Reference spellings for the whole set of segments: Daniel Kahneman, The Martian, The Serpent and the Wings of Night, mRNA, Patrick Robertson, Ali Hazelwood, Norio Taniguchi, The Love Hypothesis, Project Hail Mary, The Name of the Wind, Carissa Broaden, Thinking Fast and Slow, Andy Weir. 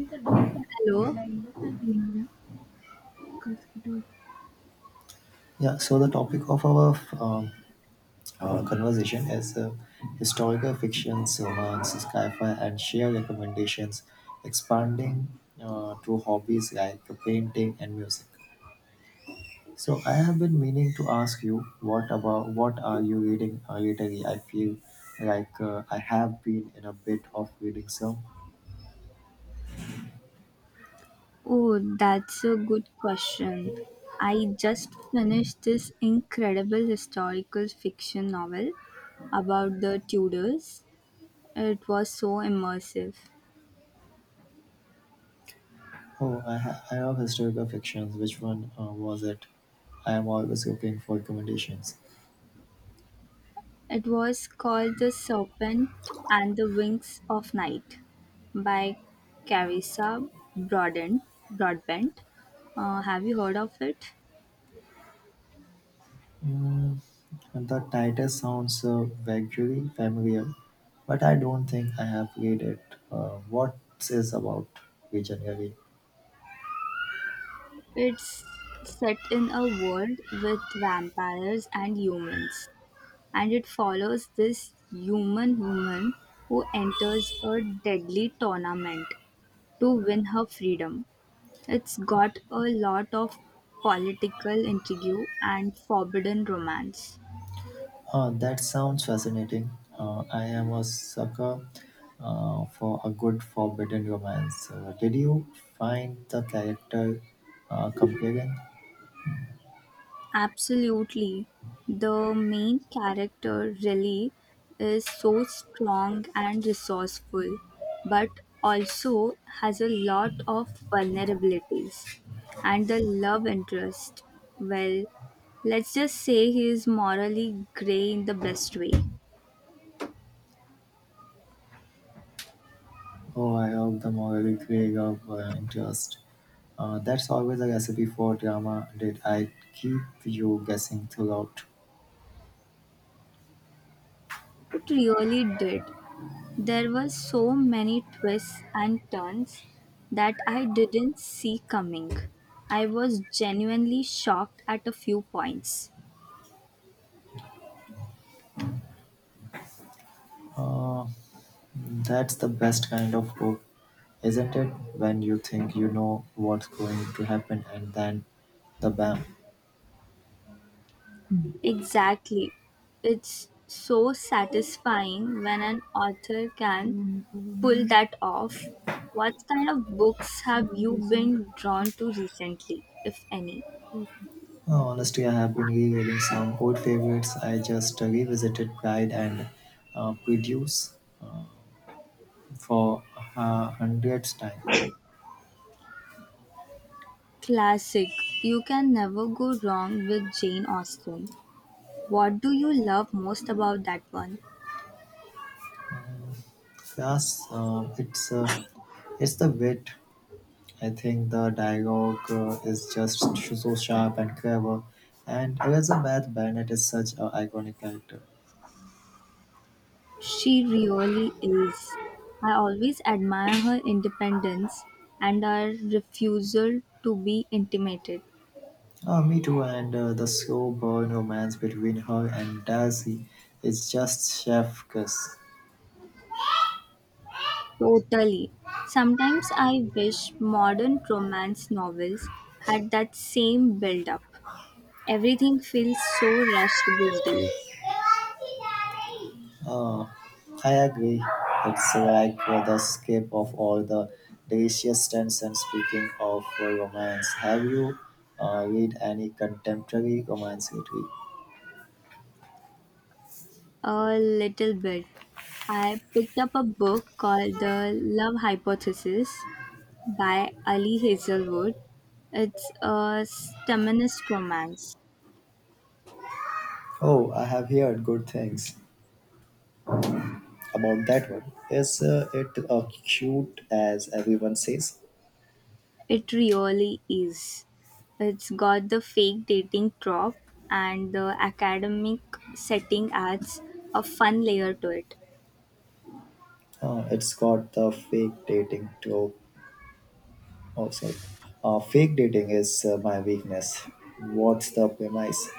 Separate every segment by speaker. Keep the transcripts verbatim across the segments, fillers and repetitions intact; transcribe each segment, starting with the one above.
Speaker 1: Hello.
Speaker 2: Yeah, so the topic of our um, uh, conversation is uh, historical fictions, romance, sci-fi, and share recommendations, expanding uh, to hobbies like painting and music. So I have been meaning to ask you what about what are you reading uh, lately? I feel like uh, I have been in a bit of reading some.
Speaker 1: Oh, that's a good question. I just finished this incredible historical fiction novel about the Tudors. It was so immersive.
Speaker 2: Oh, I, ha- I love historical fictions. Which one uh, was it? I am always looking for recommendations.
Speaker 1: It was called The Serpent and the Wings of Night by Carissa Broaden, Broadbent. Uh, have you heard of it?
Speaker 2: Mm, the title sounds uh, vaguely familiar, but I don't think I have read it. Uh, what is about we generally?
Speaker 1: It's set in a world with vampires and humans, and it follows this human woman who enters a deadly tournament to win her freedom. It's got a lot of political intrigue and forbidden romance.
Speaker 2: Uh, that sounds fascinating. Uh, I am a sucker uh, for a good forbidden romance. Uh, did you find the character uh, compelling?
Speaker 1: Absolutely. The main character really is so strong and resourceful, but also has a lot of vulnerabilities. And the love interest, well, let's just say he is morally grey in the best way.
Speaker 2: Oh, I hope the morally grey of uh, interest. Uh, that's always a recipe for drama. Did I keep you guessing throughout?
Speaker 1: It really did. There were so many twists and turns that I didn't see coming. I was genuinely shocked at a few points.
Speaker 2: Uh, That's the best kind of hope, isn't it? When you think you know what's going to happen and then the bam.
Speaker 1: Exactly. It's so satisfying when an author can pull that off. What kind of books have you been drawn to recently, if any?
Speaker 2: Oh, honestly, I have been rereading some old favorites. I just revisited Pride and uh, Prejudice for a hundredth time.
Speaker 1: Classic. You can never go wrong with Jane Austen. What do you love most about that one?
Speaker 2: Yes, uh, it's uh, it's the wit. I think the dialogue uh, is just so sharp and clever, and Elizabeth Bennet is such an iconic character.
Speaker 1: She really is. I always admire her independence and her refusal to be intimidated.
Speaker 2: Uh, me too, and uh, the slow burn romance between her and Darcy is just chef kiss.
Speaker 1: Totally. Sometimes I wish modern romance novels had that same build up. Everything feels so rushed these days.
Speaker 2: Uh, I agree. It's like uh, the escape of all the delicious trends. And speaking of uh, romance, have you uh, read any contemporary romance lately?
Speaker 1: A little bit. I picked up a book called The Love Hypothesis by Ali Hazelwood. It's a feminist romance.
Speaker 2: Oh, I have heard good things about that one. Is uh, it uh, cute as everyone says?
Speaker 1: It really is. It's got the fake dating prop, and the academic setting adds a fun layer to it.
Speaker 2: Uh, it's got the fake dating to. Oh, sorry. Uh, fake dating is uh, my weakness. What's the premise?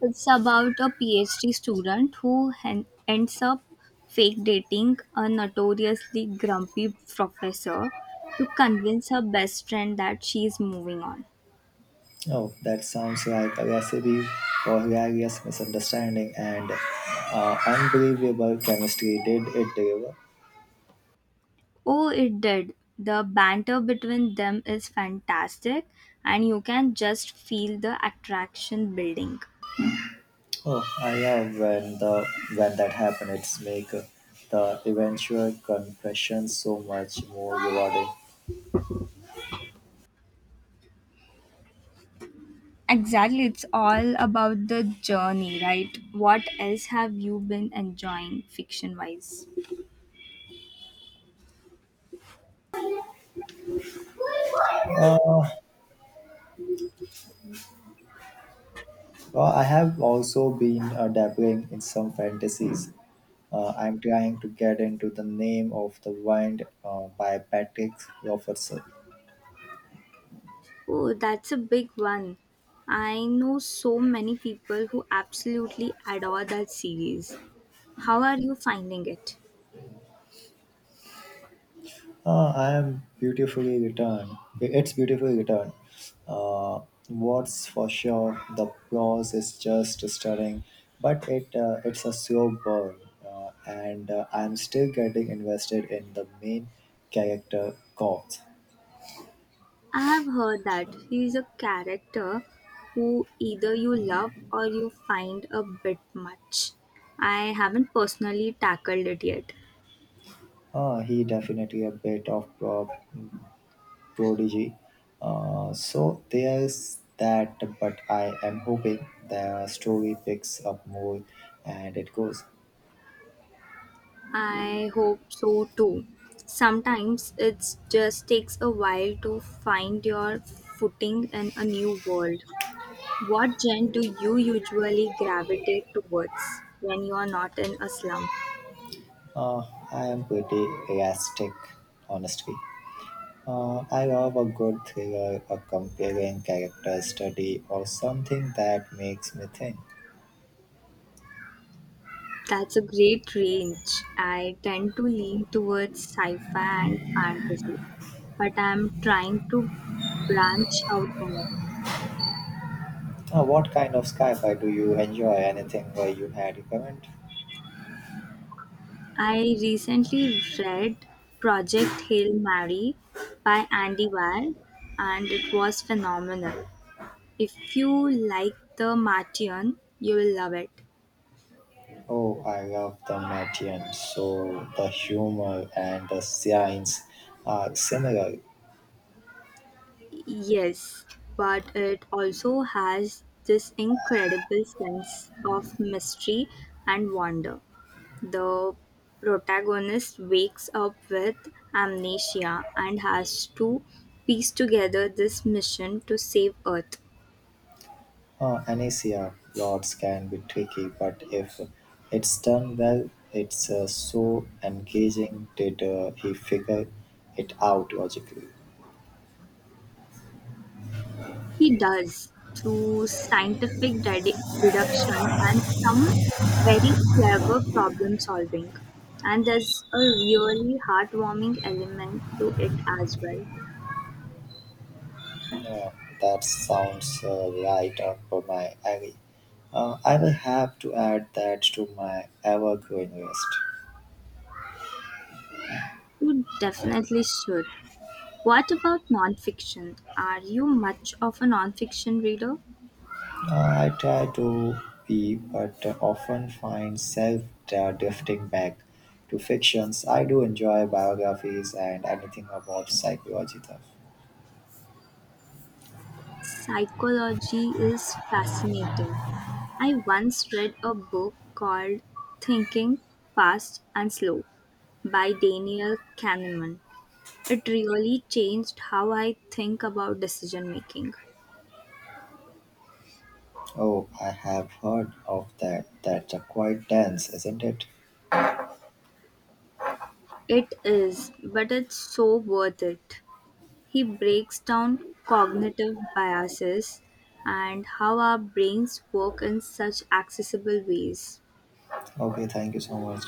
Speaker 1: It's about a PhD student who hen- ends up fake dating a notoriously grumpy professor to convince her best friend that she's moving on.
Speaker 2: Oh, that sounds like a recipe for hilarious misunderstanding and uh, unbelievable chemistry. Did it deliver?
Speaker 1: Oh, it did. The banter between them is fantastic, and you can just feel the attraction building.
Speaker 2: Oh, I have when the when that happened, it's make uh, the eventual confession so much more rewarding.
Speaker 1: Exactly, it's all about the journey, right? What else have you been enjoying fiction wise?
Speaker 2: Uh, Well, I have also been uh, dabbling in some fantasies. Uh, I'm trying to get into The Name of the Wind uh, by Patrick Robertson.
Speaker 1: Oh, that's a big one. I know so many people who absolutely adore that series. How are you finding it?
Speaker 2: Uh, I am beautifully returned. It's beautifully returned. Uh, what's for sure, the prose is just stunning, but it uh, it's a slow burn, uh, and uh, I'm still getting invested in the main character, Cox.
Speaker 1: I have heard that he is a character who either you love or you find a bit much. I haven't personally tackled it yet.
Speaker 2: Uh, he definitely a bit of uh, prodigy. Uh, so there's that, but I am hoping the story picks up more and it goes.
Speaker 1: I hope so too. Sometimes it just takes a while to find your footing in a new world. What gen do you usually gravitate towards when you are not in a slum?
Speaker 2: Uh, I am pretty elastic, honestly. Uh, I love a good thriller, a compelling character study, or something that makes me think.
Speaker 1: That's a great range. I tend to lean towards sci fi and fantasy, but I'm trying to branch out more.
Speaker 2: Uh, what kind of sci-fi do you enjoy? Anything where you had recommend?
Speaker 1: I recently read Project Hail Mary by Andy Weir and it was phenomenal. If you like The Martian, you will love it.
Speaker 2: Oh, I love the Matian. So the humor and the science are similar.
Speaker 1: Yes, but it also has this incredible sense of mystery and wonder. The protagonist wakes up with amnesia and has to piece together this mission to save Earth.
Speaker 2: Uh, Anicia plots can be tricky, but if it's done well, it's uh, so engaging. Did uh, he figure it out logically?
Speaker 1: He does, through scientific ded- deduction and some very clever problem solving. And there's a really heartwarming element to it as well.
Speaker 2: Uh, that sounds uh, right up my alley. Uh, I will have to add that to my ever-growing list.
Speaker 1: You definitely should. What about nonfiction? Are you much of a nonfiction reader?
Speaker 2: I try to be, but often find self uh, drifting back to fictions. I do enjoy biographies and anything about psychology, though.
Speaker 1: Psychology is fascinating. I once read a book called Thinking Fast and Slow by Daniel Kahneman. It really changed how I think about decision making.
Speaker 2: Oh, I have heard of that. That's uh, quite dense, isn't it?
Speaker 1: It is, but it's so worth it. He breaks down cognitive biases and how our brains work in such accessible ways.
Speaker 2: Okay, thank you so much.